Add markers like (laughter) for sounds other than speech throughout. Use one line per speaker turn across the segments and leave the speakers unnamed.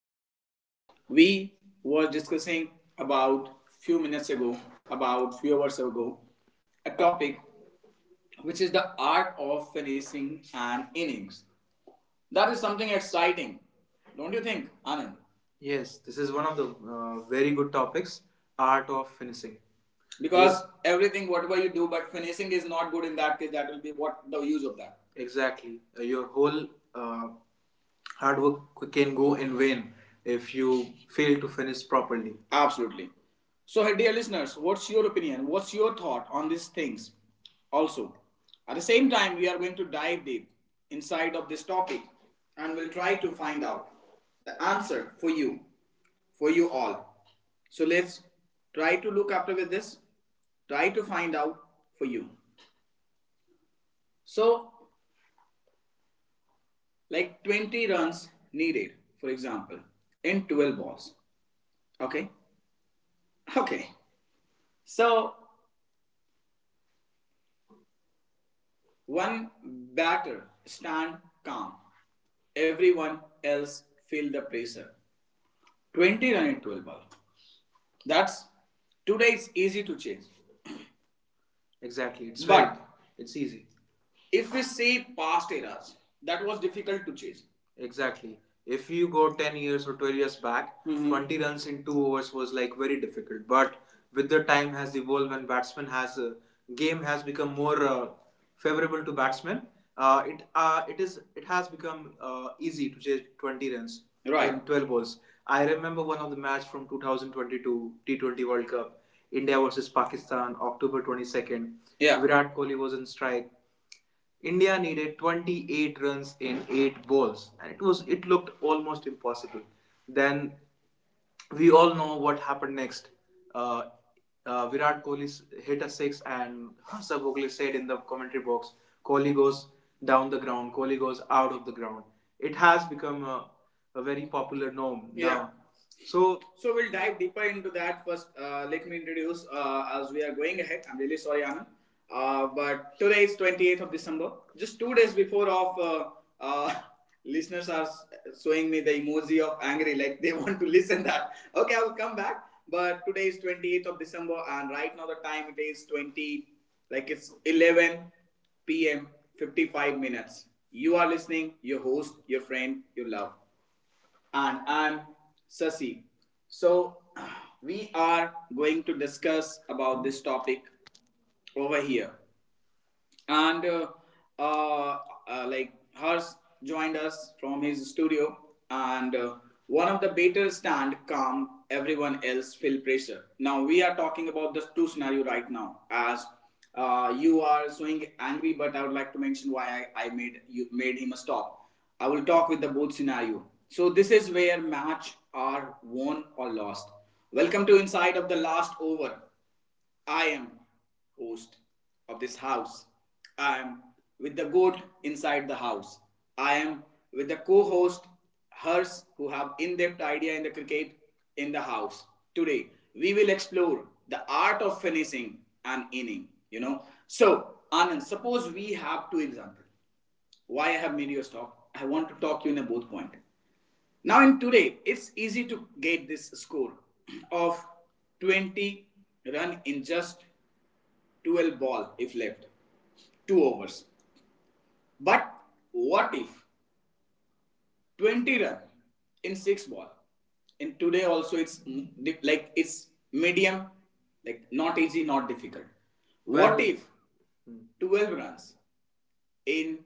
your loved ones. We were discussing about few minutes ago, about few hours ago, a topic which is the art of finishing an innings. That is something exciting, don't you think, Anand? Yes, this is one of the very good topics art of finishing. Because yes. Everything, whatever you do, but finishing is not good in that case, that will be what the use of that. Exactly. Your whole uh, hard work can go in vain if you fail to finish properly. Absolutely. So, hey, dear listeners, what's your opinion? What's your thought on these things? Also, at the same time, we are going to dive deep inside of this topic and we'll try to find out the answer for you all. So let's try to look after with this. Try to find out for you. So like 20 runs needed, for example, in 12 balls. Okay? Okay. So one batter stand calm. Everyone else feel the pressure. 20 run in 12 ball. That's today it's easy to change. Exactly. Right. It's easy. If we see past eras, that was difficult to chase. Exactly. If you go 10 years or 12 years back. Mhm. 20 runs in 2 overs was like very difficult. But with the time has evolved and batsman has game has become more favorable to batsmen, it has become easy to chase 20 runs, right, in 12 balls. I remember one of the match from 2022 T20 World Cup, India versus Pakistan, October 22nd. Yeah. Virat Kohli was in strike. India needed 28 runs in 8 balls and it looked almost impossible. Then we all know what happened next. Uh, Virat Kohli hit a six, and Sir Bogle said in the commentary box, Kohli goes down the ground, Kohli goes out of the ground. It has become a very popular norm. Yeah, now. So So we'll dive deeper into that first. Let me introduce as we are going ahead. I'm really sorry, Anand. But today is 28th of December, just 2 days before of uh, (laughs) listeners are showing me the emoji of angry, like they (laughs) want to listen that. Okay, I will come back. But today is 28th of December, and right now the time it is 20, like it's 11 p.m. 55 minutes. You are listening, your host, your friend, your love and I'm Sasi. So we are going to discuss about this topic over here and uh, like Harsh joined us from his studio, and one of the better stand calm everyone else feel pressure. Now we are talking about the two scenario right now. As you are showing angry, but I would like to mention why I made him stop. I will talk with the both scenario. So this is where match are won or lost. Welcome to inside of the last over. I am host of this house. I am with the goat inside the house. I am with the co-host Hers who have in-depth idea in the cricket in the house. Today we will explore the art of finishing an inning. You know. So Anand, suppose we have two example. Why I have made you stop? I want to talk you in a both point. Now in today, it's easy to get this score of 20 run in just 12 ball if left, 2 overs. But what if 20 run in 6 ball? And today also it's like it's medium, like not easy, not difficult. If 12 runs in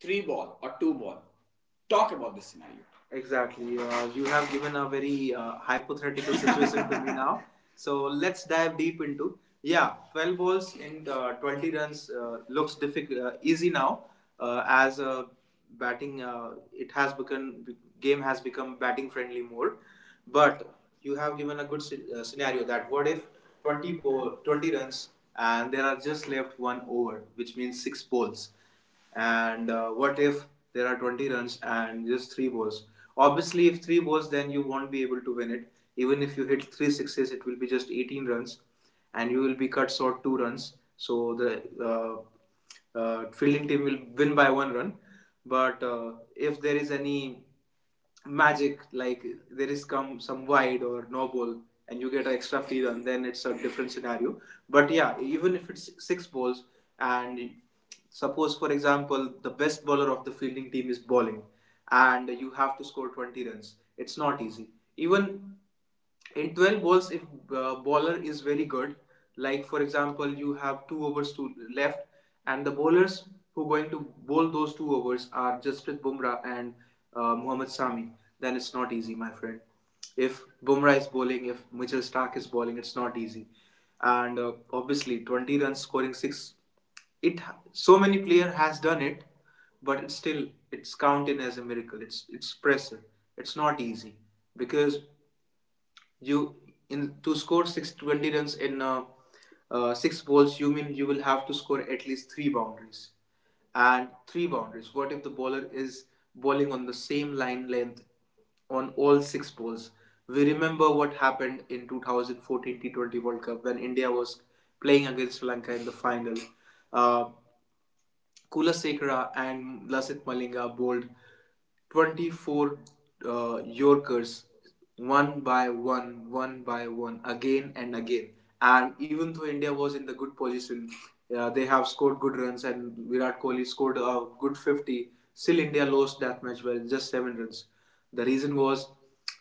three ball or two ball. Talk about this scenario. Exactly. You have given a very hypothetical situation (laughs) to me now. So let's dive deep into. Yeah, 12 balls and 20 runs looks difficult, easy now as batting. It has become game has become batting friendly more, but you have given a good scenario that what if 20 ball, 20 runs and there are just left one over, which means six balls and what if there are 20 runs and just three balls. Obviously if three balls then you won't be able to win it, even if you hit three sixes it will be just 18 runs and you will be cut short two runs, so the fielding team will win by one run. But if there is any magic like there is come some wide or no ball and you get an extra field, and then it's a different scenario. But yeah, even if it's six balls and suppose for example the best bowler of the fielding team is bowling and you have to score 20 runs, it's not easy. Even in 12 balls if bowler is very good, like for example you have two overs to left and the bowlers who are going to bowl those two overs are Jasprit Bumrah and Mohammad Sami, then it's not easy my friend. If Bumrah is bowling, if Mitchell Stark is bowling, it's not easy. And obviously 20 runs scoring 6, it so many player has done it, but it's still it's counted as a miracle. It's pressure, it's not easy, because you in to score six 20 runs in six balls. You mean you will have to score at least three boundaries, and three boundaries. What if the bowler is bowling on the same line length on all six balls? We remember what happened in 2014 T20 World Cup when India was playing against Sri Lanka in the final. Uh, Kula Sekara and Lasith Malinga bowled 24 Yorkers one by one, again and again. And even though India was in the good position, they have scored good runs and Virat Kohli scored a good 50. Still, India lost that match by just seven runs. The reason was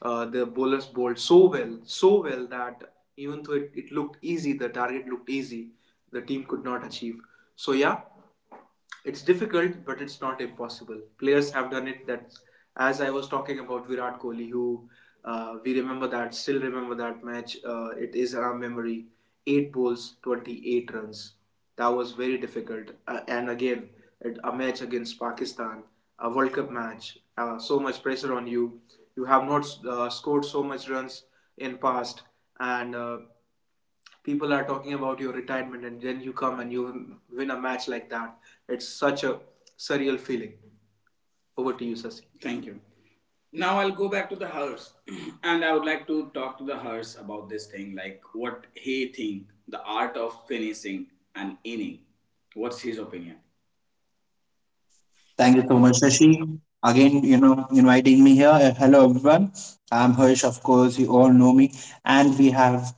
the bowlers bowled so well, so well that even though it looked easy, the target looked easy, the team could not achieve. So yeah, it's difficult, but it's not impossible. Players have done it. That, as I was talking about Virat Kohli, who we remember that, still remember that match. It is in our memory. Eight balls, 28 runs. That was very difficult. And again, it, a match against Pakistan, a World Cup match. So much pressure on you. You have not scored so much runs in past, and people are talking about your retirement and then you come and you win a match like that, it's such a surreal feeling. Over to you, Sasi. Thank you. Now I'll go back to the hearse, (clears throat) and I would like to talk to the hearse about this thing, like what he think the art of finishing an inning. What's his opinion?
Thank you so much, Shashi. Again, inviting me here. Hello, everyone. I'm Harsh, of course. You all know me. And we have,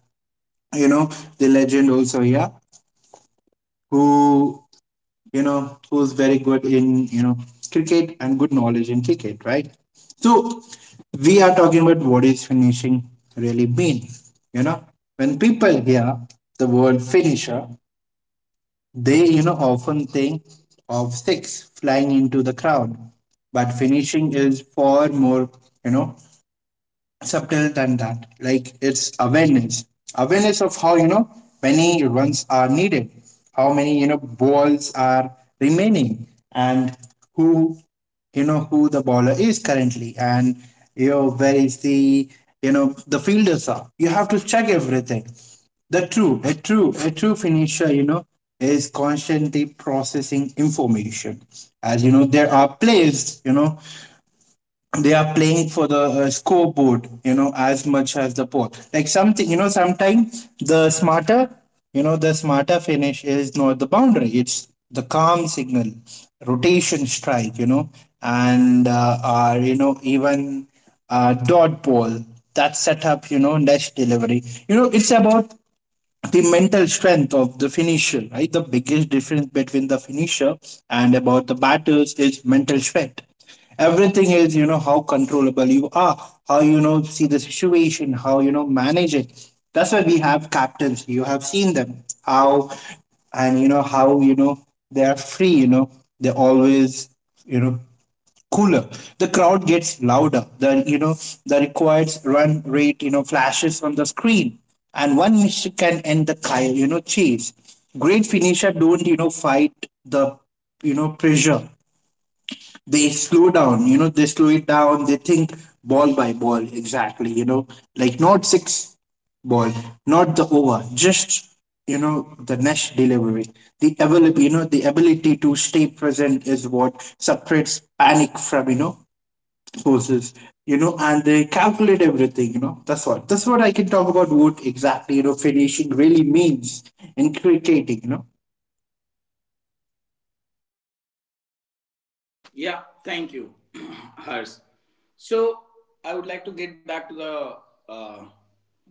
you know, the legend also here, who, who's very good in, cricket and good knowledge in cricket, right? So, we are talking about what is finishing really mean. You know, when people hear the word finisher, they often think of six flying into the crowd, but finishing is far more, you know, subtle than that. Like it's awareness, awareness of how many runs are needed, how many balls are remaining, and who who the bowler is currently, and where is the the fielders are. You have to check everything. The true, a true, a true finisher, is constantly processing information. As you know, there are plays, they are playing for the scoreboard, as much as the pole. Like something, sometimes the smarter finish is not the boundary, it's the calm signal, rotation strike, and even dot ball that setup, dash delivery. It's about the mental strength of the finisher, right? The biggest difference between the finisher and about the batters is mental strength. Everything is, how controllable you are, how see the situation, how manage it. That's why we have captains. You have seen them how, and how they are free. You know they always, you know, cooler. The crowd gets louder. The the required run rate flashes on the screen, and one mistake can end the chase. Great finisher don't fight the pressure. They slow down. You know they slow it down. They think ball by ball exactly. Like not six ball, not the over, just the next delivery. The ability, the ability to stay present is what separates panic from forces and they calculate everything that's what I can talk about what exactly finishing really means in cricketing
Yeah, thank you, (clears throat) Hers. So, I would like to get back to the uh,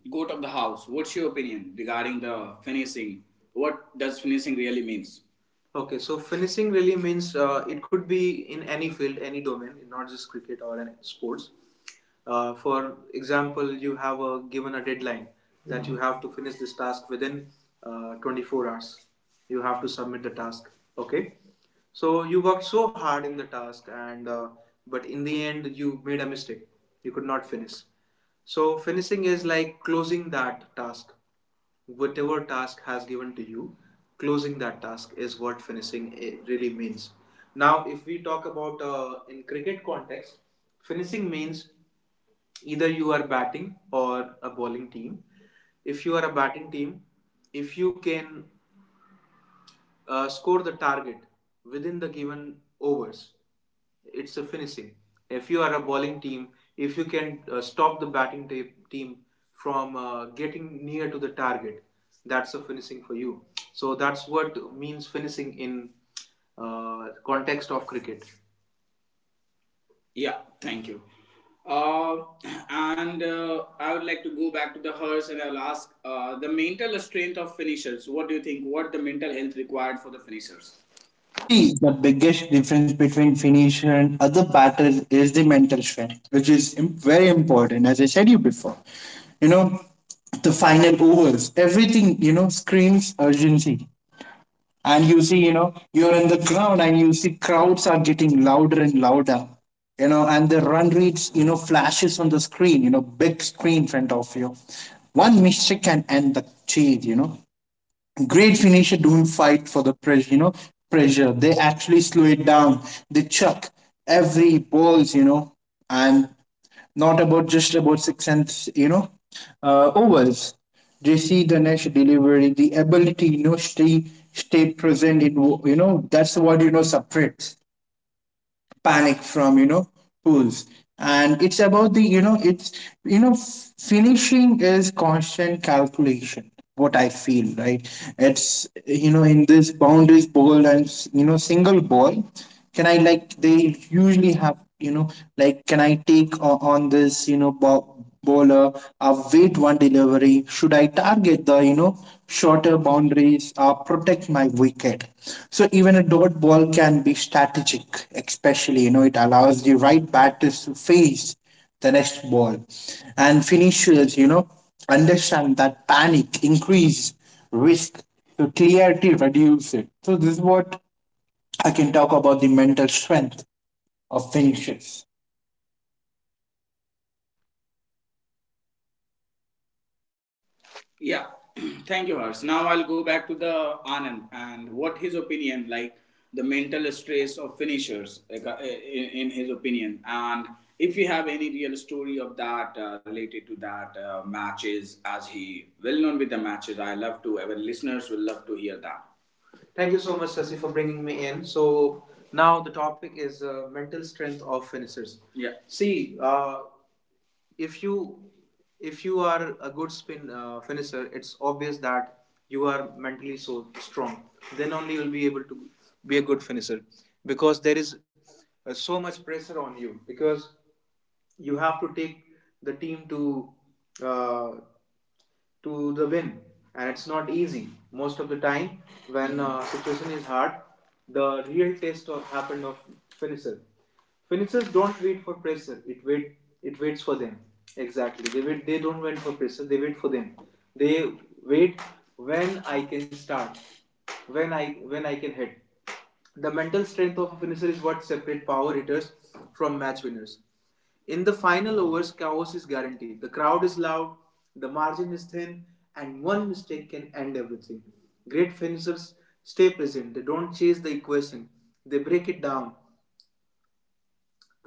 goat of the house. What's your opinion regarding the finishing? What does finishing really means? Okay, so finishing really means it could be in any field, any domain, not just cricket or any sports. For example, you have a, given a deadline that you have to finish this task within 24 hours. You have to submit the task. Okay, so you worked so hard in the task, and but in the end you made a mistake. You could not finish. So finishing is like closing that task, whatever task has given to you, closing that task is what really means. Now if we talk about in cricket context, finishing means either you are batting or a bowling team. If you are a batting team, if you can score the target within the given overs. It's a finishing. If you are a bowling team, if you can stop the batting team from getting near to the target, that's a finishing for you. So that's what means finishing in context of cricket. Yeah, thank you. Uh, and I would like to go back to the hers and I'll ask the mental strength of finishers. What do you think? What the mental health required for the finishers?
see the biggest difference between finisher and other batters is the mental strength which is very important as I said you before. you know the final overs everything screams urgency, and you see you're in the crowd and you see crowds are getting louder and louder. And the run rates flashes on the screen, big screen in front of you. One mistake can end the chase, great finisher don't fight for the pressure, pressure, they actually slow it down. They chuck every balls, and not about just about six and overs. They see the next delivery. The ability, stay present in that's what separates panic from pools. And it's about the it's you know finishing is constant calculation, what I feel right. It's, in this boundaries ball and single ball. Can I like they usually have like can I take on this ball bowler, a wait one delivery? Should I target the shorter boundaries or protect my wicket? So even a dot ball can be strategic, especially it allows the right batters to face the next ball, and finishers understand that panic increase risk, so clarity reduce it. So this is what I can talk about the mental strength of finishers.
Yeah, (clears throat) thank you, Harsh. Now I'll go back to the Anand and what his opinion, like the mental stress of finishers, like, in his opinion, and if you have any real story of that related to that matches, as he well known with the matches, I love to. Our listeners will love to hear that. Thank you so much, Sasi, for bringing me in. So now the topic is mental strength of finishers. Yeah. See, if you if you are a good spin finisher, it's obvious that you are mentally so strong. Then only you'll be able to be a good finisher because there is so much pressure on you because you have to take the team uh, to the win, and it's not easy most of the time when situation is hard. The real test of happened of finisher. Finishers don't wait for pressure, it waits for them. Exactly, they don't wait for pressure, they wait for them. They wait, when I can start, when i when I can hit. The mental strength of a finisher is what separates power hitters from match winners. In the final overs, chaos is guaranteed. The crowd is loud, the margin is thin, and one mistake can end everything. Great finishers stay present, they don't chase the equation, they break it down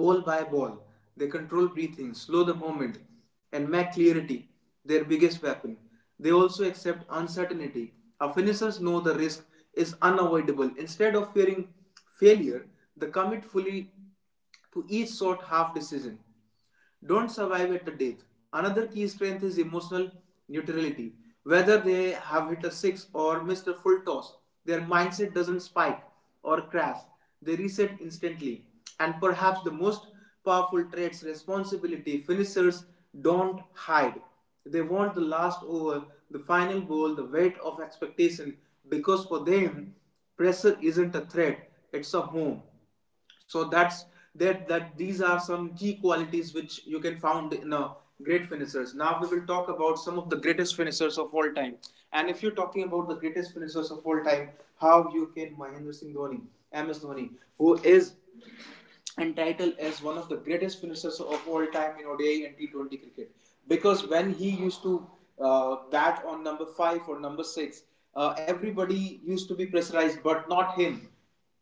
ball by ball. They control breathing, slow the movement, and make clarity their biggest weapon. They also accept uncertainty. Our finishers know the risk is unavoidable. Instead of fearing failure, they commit fully to each shot half decision don't survive at the death. Another key strength is emotional neutrality. Whether they have hit a six or missed a full toss, their mindset doesn't spike or crash. They reset instantly. And perhaps the most powerful traits, responsibility, finishers don't hide. They want the last over, the final ball, the weight of expectation, because for them, pressure isn't a threat, it's a home. So that's that that these are some key qualities which you can find in a great finishers. Now we will talk about some of the greatest finishers of all time. And if you're talking about the greatest finishers of all time, how you can Mahendra Singh Dhoni? MS Dhoni, who is entitled as one of the greatest finishers of all time in ODI and T20 cricket, because when he used to bat on number five or number six, everybody used to be pressurized, but not him.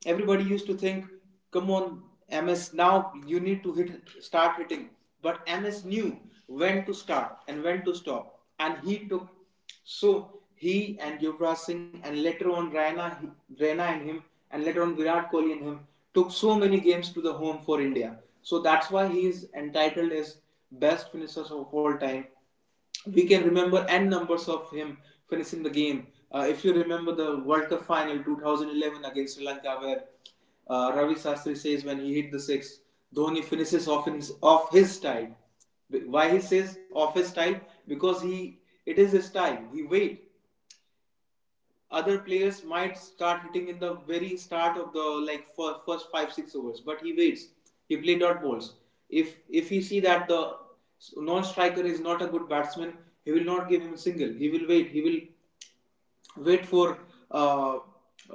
Everybody used to think, "Come on, MS, now you need to hit, start hitting." But MS knew when to start and when to stop, and he took. So he and Yuvraj Singh and later on Raina, and him, and later on Virat Kohli and him took so many games to the home for India. So that's why he is entitled as best finishers of all time. We can remember n numbers of him finishing the game. If you remember the World Cup final 2011 against Sri Lanka, where Ravi Shastri says when he hit the six, Dhoni finishes off, off his side. Why he says of his time? Because he it is his time. He wait. Other players might start hitting in the very start of the like first 5 6 overs, but he waits. He play dot balls. If he see that the non-striker is not a good batsman, he will not give him a single. He will wait. He will wait for uh,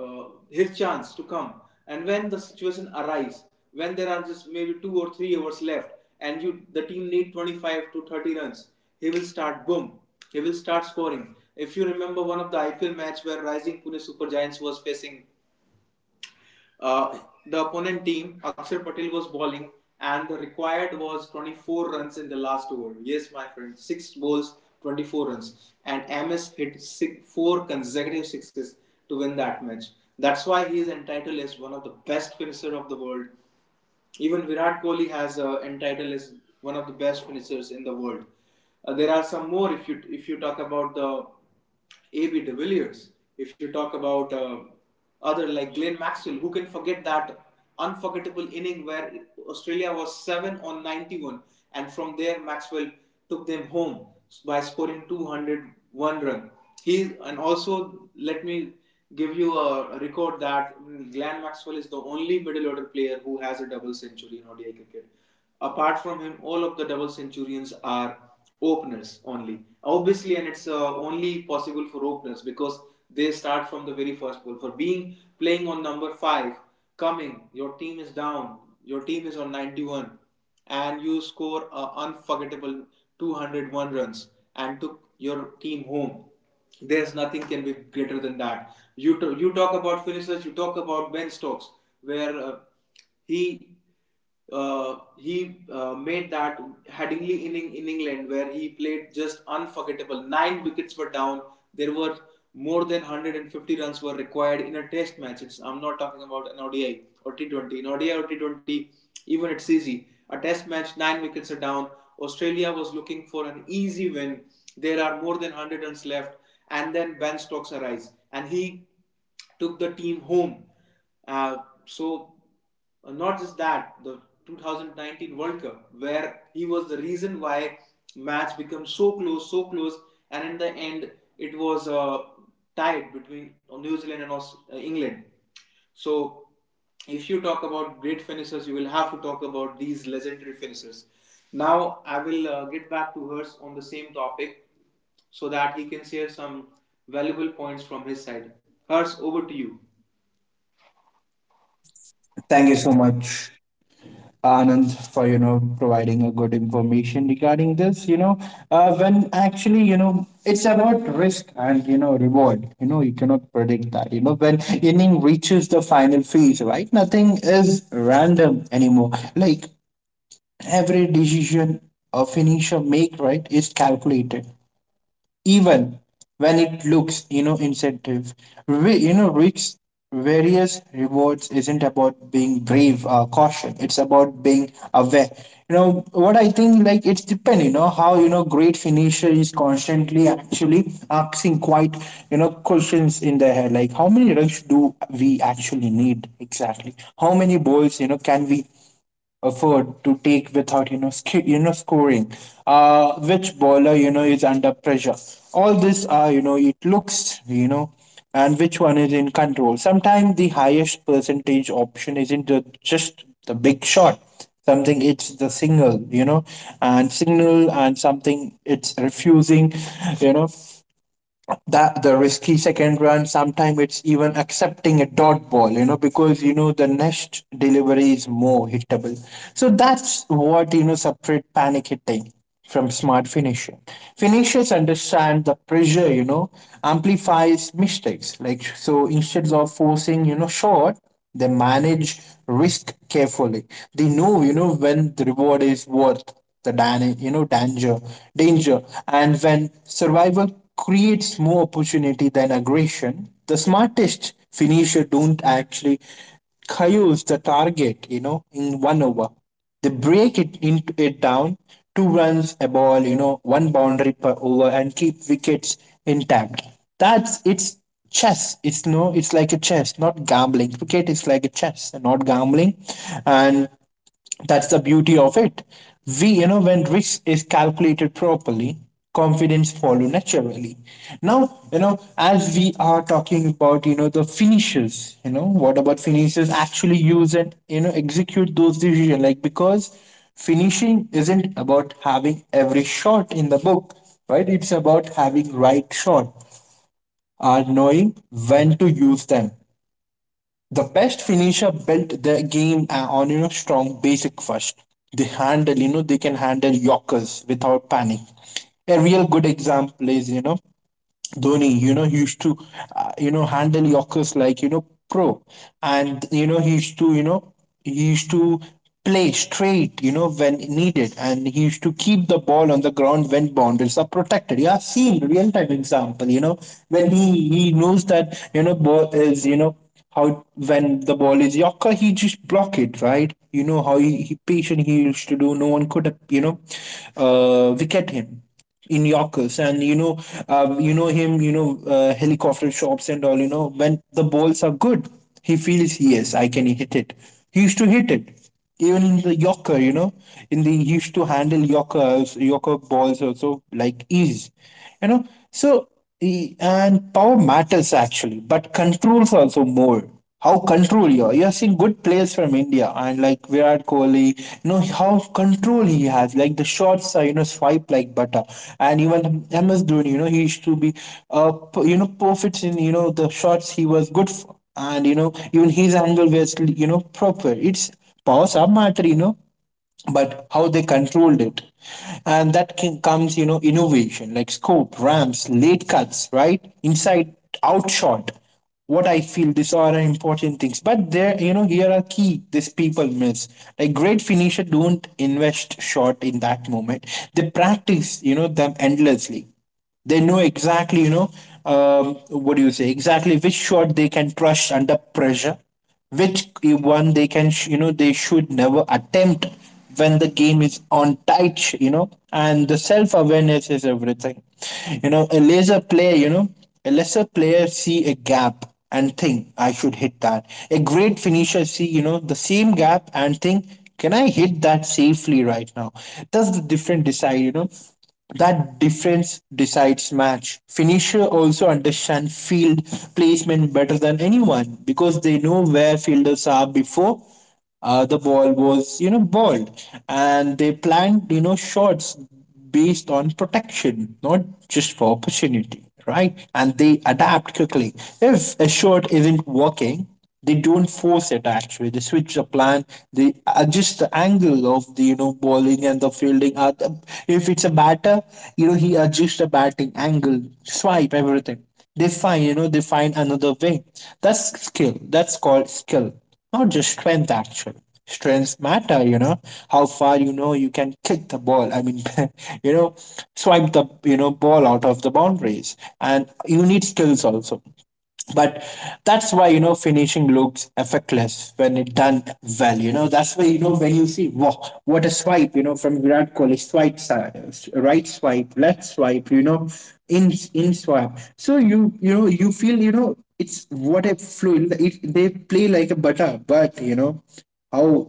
his chance to come. And when the situation arises, when there are just maybe 2 or 3 hours left, and you the team need 25 to 30 runs, he will start boom. He will start scoring. If you remember one of the IPL match where Rising Pune Super Giants was facing uh, the opponent team, Akshar Patel was bowling, and the required was 24 runs in the last over. Yes, my friend, six balls, 24 runs, and MS hit six, four consecutive sixes to win that match. That's why he is entitled as one of the best finisher of the world. Even Virat Kohli has entitled as one of the best finishers in the world. There are some more. If you talk about the A.B. de Villiers, if you talk about other like Glenn Maxwell, who can forget that unforgettable inning where Australia was 7 on 91 and from there Maxwell took them home by scoring 201 run? He and also let me give you a record that Glenn Maxwell is the only middle order player who has a double century in ODI cricket. Apart from him, all of the double centurions are openers only. Obviously, and it's only possible for openers because they start from the very first ball. For being playing on number five, coming, your team is down, your team is on 91, and you score an unforgettable 201 runs and took your team home. There's nothing can be greater than that. You talk about finishers, you talk about Ben Stokes, where he he made that Headingley inning in England, where he played just unforgettable. Nine wickets were down. There were more than 150 runs were required in a test match. It's, I'm not talking about an ODI or T20. In ODI or T20, even it's easy. A test match, nine wickets are down. Australia was looking for an easy win. There are more than 100 runs left, and then Ben Stokes arrives and he took the team home. Uh, so Not just that, the 2019 World Cup where he was the reason why match became so close, and in the end it was tied between New Zealand and England. So if you talk about great finishers, you will have to talk about these legendary finishers. Now I will get back to hers on the same topic so that he can share some valuable points from his side. Hers, over to you.
Thank you so much, Anand, for providing a good information regarding this. You know, when actually it's about risk and reward. You know, you cannot predict that. You know, when inning reaches the final phase, right? Nothing is random anymore. Like every decision a finisher make, right, is calculated, even when it looks incentive. We, risks various rewards isn't about being brave or caution, it's about being aware. What I think, like it's depend. You know how you know great finisher is constantly actually asking quite questions in their head like how many runs do we actually need, exactly how many balls can we afford to take without scoring, which bowler is under pressure. All this are, it looks, and which one is in control. Sometimes the highest percentage option isn't the, just the big shot. Something it's the signal, and signal, and something it's refusing, you know that the risky second run. Sometimes it's even accepting a dot ball, because the next delivery is more hittable. So that's what separate panic hitting from smart finishing. Finishers understand the pressure, amplifies mistakes. Like, so instead of forcing short, they manage risk carefully. They know, when the reward is worth the danger, and when survival creates more opportunity than aggression. The smartest finisher don't actually chaos the target, in one over they break it into it down. Two runs a ball, one boundary per over and keep wickets intact. That's it's chess. It's like a chess not gambling. Cricket is like a chess and not gambling, and that's the beauty of it. We, when risk is calculated properly, confidence follow naturally. Now, as we are talking about, the finishes, what about finishes actually use and, execute those decisions? Like, because finishing isn't about having every shot in the book, right? It's about having right shot or knowing when to use them. The best finisher built their game on strong basic first. They handle, they can handle Yorkers without panic. A real good example is, Dhoni, he used to, handle Yorkers like, pro. And, he used to play straight, when needed. And he used to keep the ball on the ground when boundaries are protected. You have seen real time example, when he knows that, ball is, how when the ball is Yorker, he just block it, right? You know how he patient he used to do. No one could, wicket him in Yorkers, and him, helicopter shots and all. You know, when the balls are good, he feels yes, I can hit it. He used to hit it, even in the Yorker. In the he used to handle Yorkers, Yorker balls also like ease. You know, so and power matters actually, but controls also more. How control you are, you are seeing good players from India and like Virat Kohli, how control he has, like the shots are, swipe like butter. And even MS Dhoni, he used to be uh perfect in the shots he was good for. And even his angle was, proper. It's powers are matter, but how they controlled it. And that can, comes, innovation like scope, ramps, late cuts, right, inside out shot, what I feel these are important things. But there, here are key these people miss. Like great finisher don't invest short in that moment. They practice, them endlessly. They know exactly, you know, what do you say, exactly which shot they can crush under pressure, which one they can, they should never attempt when the game is on tight, and the self awareness is everything. You know, a lesser player see a gap and think I should hit that. A great finisher see, the same gap and think, can I hit that safely right now? That's the different decide, That difference decides match. Finisher also understand field placement better than anyone because they know where fielders are before the ball was, balled, and they plan, shots based on protection, not just for opportunity, right? And they adapt quickly. If a shot isn't working, they don't force it, actually they switch the plan. They adjust the angle of the, bowling and the fielding. If it's a batter, he adjusts the batting angle, swipe everything. They find another way. That's skill, that's called skill, not just strength actually. Strengths matter, how far, you can kick the ball, I mean, (laughs) you know swipe the, ball out of the boundaries, and you need skills also. But that's why, finishing looks effortless when it done well. That's why, when you see, wow, what a swipe, from Virat Kohli, swipe side, right swipe, left swipe, in swipe. So you know you feel, it's what a fluid it, they play like a butter. But how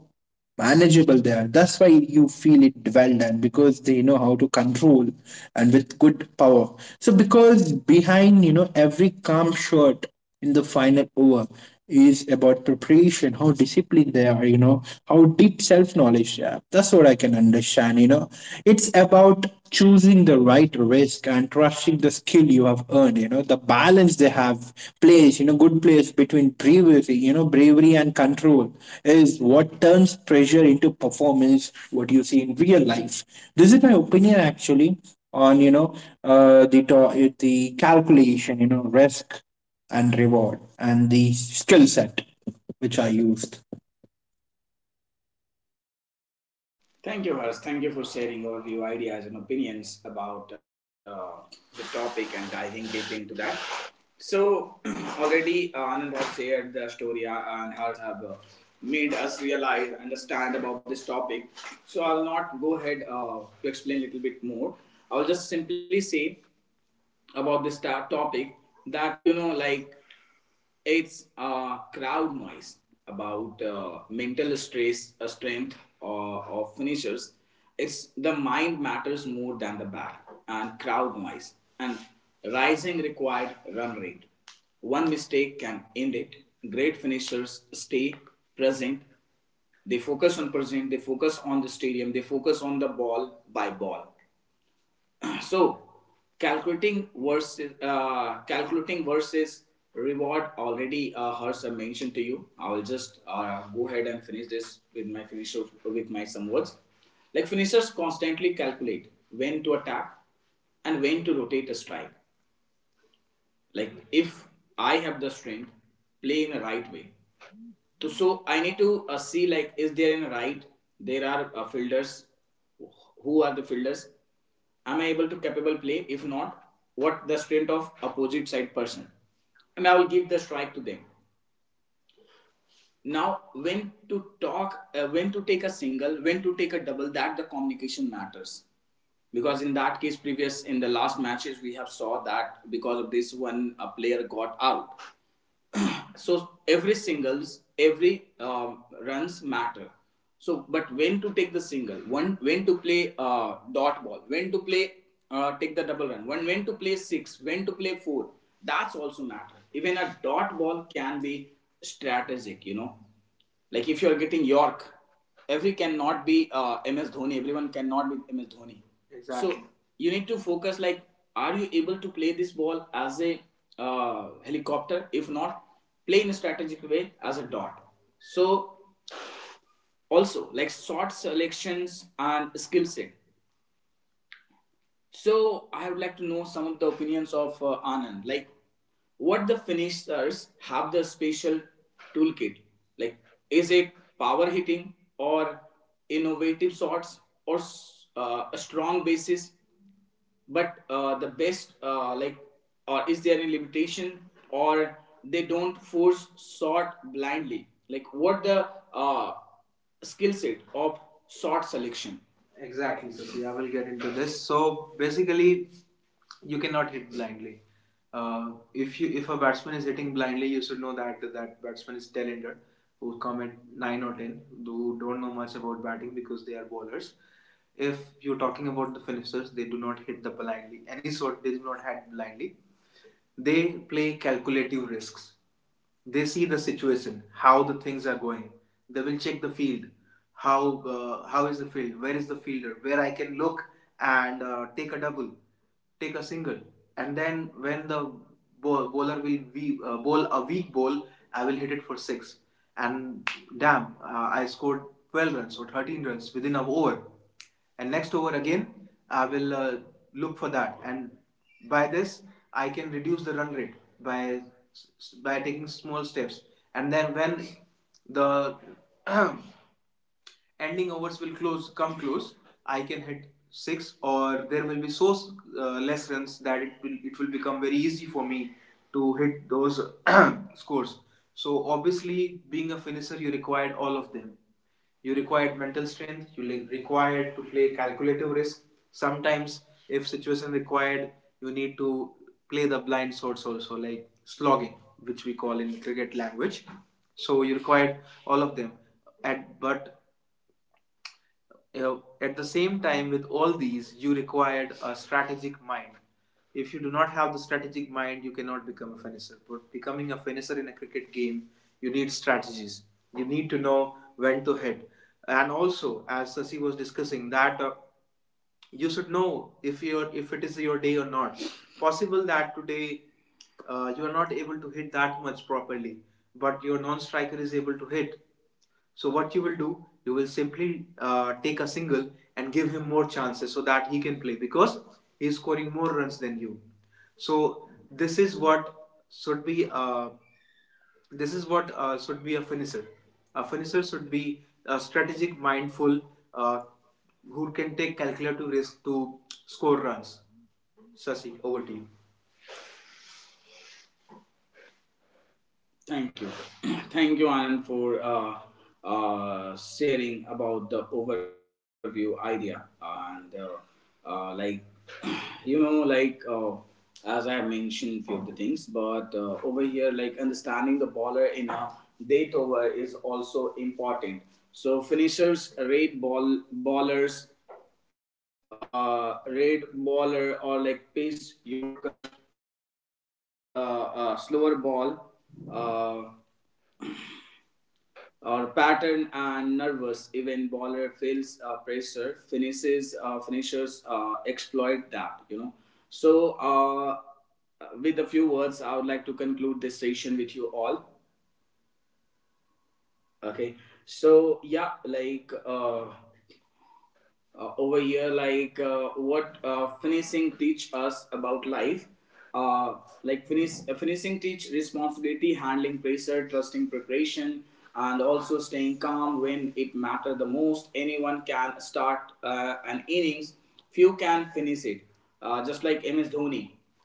manageable there. That's why you feel it well done, because they know how to control and with good power. So because behind, every calm shot in the final over is about preparation, how disciplined they are, how deep self knowledge they have. That's what I can understand. You know, it's about choosing the right risk and trusting the skill you have earned. The balance they have placed, good place between bravery, bravery and control, is what turns pressure into performance, what you see in real life. This is my opinion actually on, the the calculation, risk and reward and the skill set which I used.
Thank you, Harsh. Thank you for sharing all your ideas and opinions about the topic and diving deep into that. So, (clears throat) already Anand has shared the story, and Harsh have made us realize, understand about this topic. So, I'll not go ahead to explain a little bit more. I'll just simply say about this topic that, you know, like it's crowd noise about mental stress, strength of finishers. It's the mind matters more than the bat and crowd noise and rising required run rate. One mistake can end it. Great finishers stay present. They focus on present, they focus on the stadium, they focus on the ball by ball. (clears throat) So calculating versus reward, already Harsh mentioned to you. I will just go ahead and finish this with my finisher with my some words. Like finishers constantly calculate when to attack and when to rotate a strike. Like if I have the strength, play in a right way. To, so I need to see like is there in right? There are fielders. Who are the fielders? Am I able to capable play? If not, what the strength of opposite side person? And I will give the strike to them. Now, when to talk, when to take a single, when to take a double, that the communication matters. Because in that case, previous in the last matches we have saw that because of this one a player got out. (clears throat) So every singles, every runs matter. So, but when to take the single one, when to play dot ball, when to play take the double run one, when to play six, when to play four, that's also matter. Even a dot ball can be strategic, you know, like if you are getting York, every cannot be MS Dhoni. Everyone cannot be MS Dhoni. Exactly. So, exactly, you need to focus. Like, are you able to play this ball as a helicopter? If not, play in a strategic way as a dot. So also like shot selections and skill set. So I would like to know some of the opinions of Anand. Like, what the finishers have the special toolkit? Like, is it power hitting or innovative shots or a strong basis? But the best, like, or is there any limitation or they don't force shot blindly? Like, what the uh, skill set of shot selection? Exactly, Sasi. I will get into this. So basically, you cannot hit blindly. If a batsman is hitting blindly, you should know that that batsman is talented, who come at nine or ten, who don't know much about batting because they are bowlers. If you're talking about the finishers, they do not hit the blindly. Any sort they do not hit blindly, they play calculative risks. They see the situation, how the things are going. They will check the field, how is the field, where is the fielder, where I can look and take a double, take a single, and then when the bowler will be, bowl a weak ball, I will hit it for six, and damn, I scored 12 runs or 13 runs within an over, and next over again I will look for that, and by this I can reduce the run rate by taking small steps. And then when the (clears throat) ending overs will close come close, I can hit six, or there will be so less runs that it will become very easy for me to hit those (clears throat) (coughs) scores. So obviously, being a finisher, you required all of them. You required mental strength, you required to play calculative risk. Sometimes if situation required, you need to play the blind shots also, like slogging, which we call in cricket language. So you required all of them at but at the same time with all these you required a strategic mind. If you do not have the strategic mind, you cannot become a finisher, but becoming a finisher in a cricket game, you need strategies, you need to know when to hit, and also, as Sasi was discussing, that you should know if you're if it is your day or not. Possible that today you are not able to hit that much properly, but your non striker is able to hit. So what you will do, you will simply take a single and give him more chances so that he can play, because he is scoring more runs than you. So this is what should be this is what should be a finisher. A finisher should be a strategic, mindful, uh, who can take calculative risk to score runs. Sasi, over to you. Thank you. (clears throat) Thank you, Anand, for sharing about the overview idea. And like, (clears throat) you know, like, as I have mentioned few of the things, but over here, like, understanding the baller in a date over is also important. So, finishers rate ball ballers red baller or like pace Yorker, uh, slow, slower ball, uh, or pattern and nervous. Even bowler feels pressure, finishes finishers exploit that. You know, so with a few words, I would like to conclude this session with you all. Okay, so yeah, like. Over here like what finishing teach us about life uh, like finishing teach responsibility, handling pressure, trusting preparation, and also staying calm when it matter the most. Anyone can start an innings, few can finish it, just like MS Dhoni.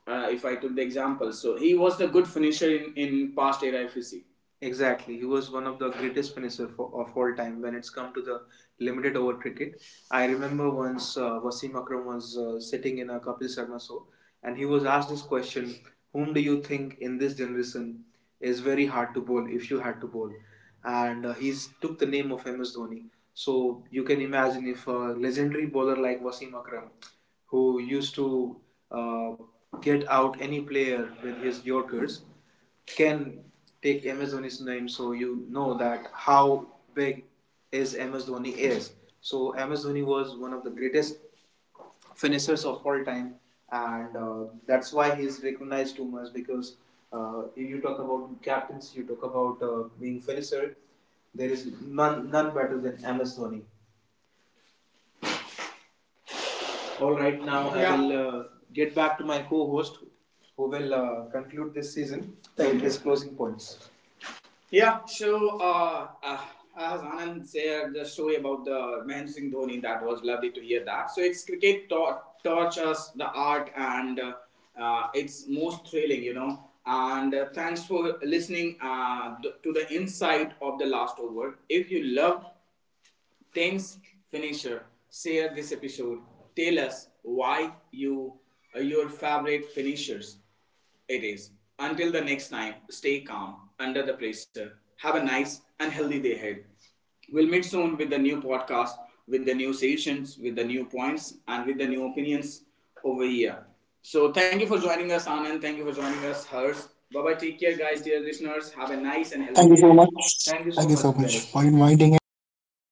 If I took the example, so he was the good finisher in past era, if you see. Exactly, he was one of the greatest finisher of all time when it's come to the limited over cricket. I remember once Wasim Akram was sitting in a Kapil Sharma show, and he was asked this question: "Whom do you think in this generation is very hard to bowl if you had to bowl?" And he took the name of MS Dhoni. So you can imagine if a legendary bowler like Wasim Akram, who used to uh, get out any player with his Yorkers, can take MS Dhoni's name, so you know that how big is MS Dhoni is. So MS Dhoni was one of the greatest finishers of all time, and that's why he's recognized too much, because if you talk about captains, you talk about being finisher. There is none better than MS Dhoni. All right, now yeah. I Yeah. will get back to my co-host, who will conclude this season with his closing points. Yeah, so as Anand said, the story about the Mahendra Singh Dhoni, that was lovely to hear that. So it's cricket taught, taught us the art and it's most thrilling, you know. And thanks for listening to the insight of the last over. If you loved tense finisher. Share this episode. Tell us why you are your favorite finishers. It is. Until the next time, stay calm under the pressure. Have a nice and healthy day ahead. We'll meet soon with the new podcast, with the new sessions, with the new points, and with the new opinions over here. So thank you for joining us, Anand. Thank you for joining us, Hers. Bye bye. Take care, guys, dear listeners. Have a nice and healthy day
Thank you
ahead.
so much.
Thank you so
Thank you
much,
so much
guys.
for inviting Andrew. It was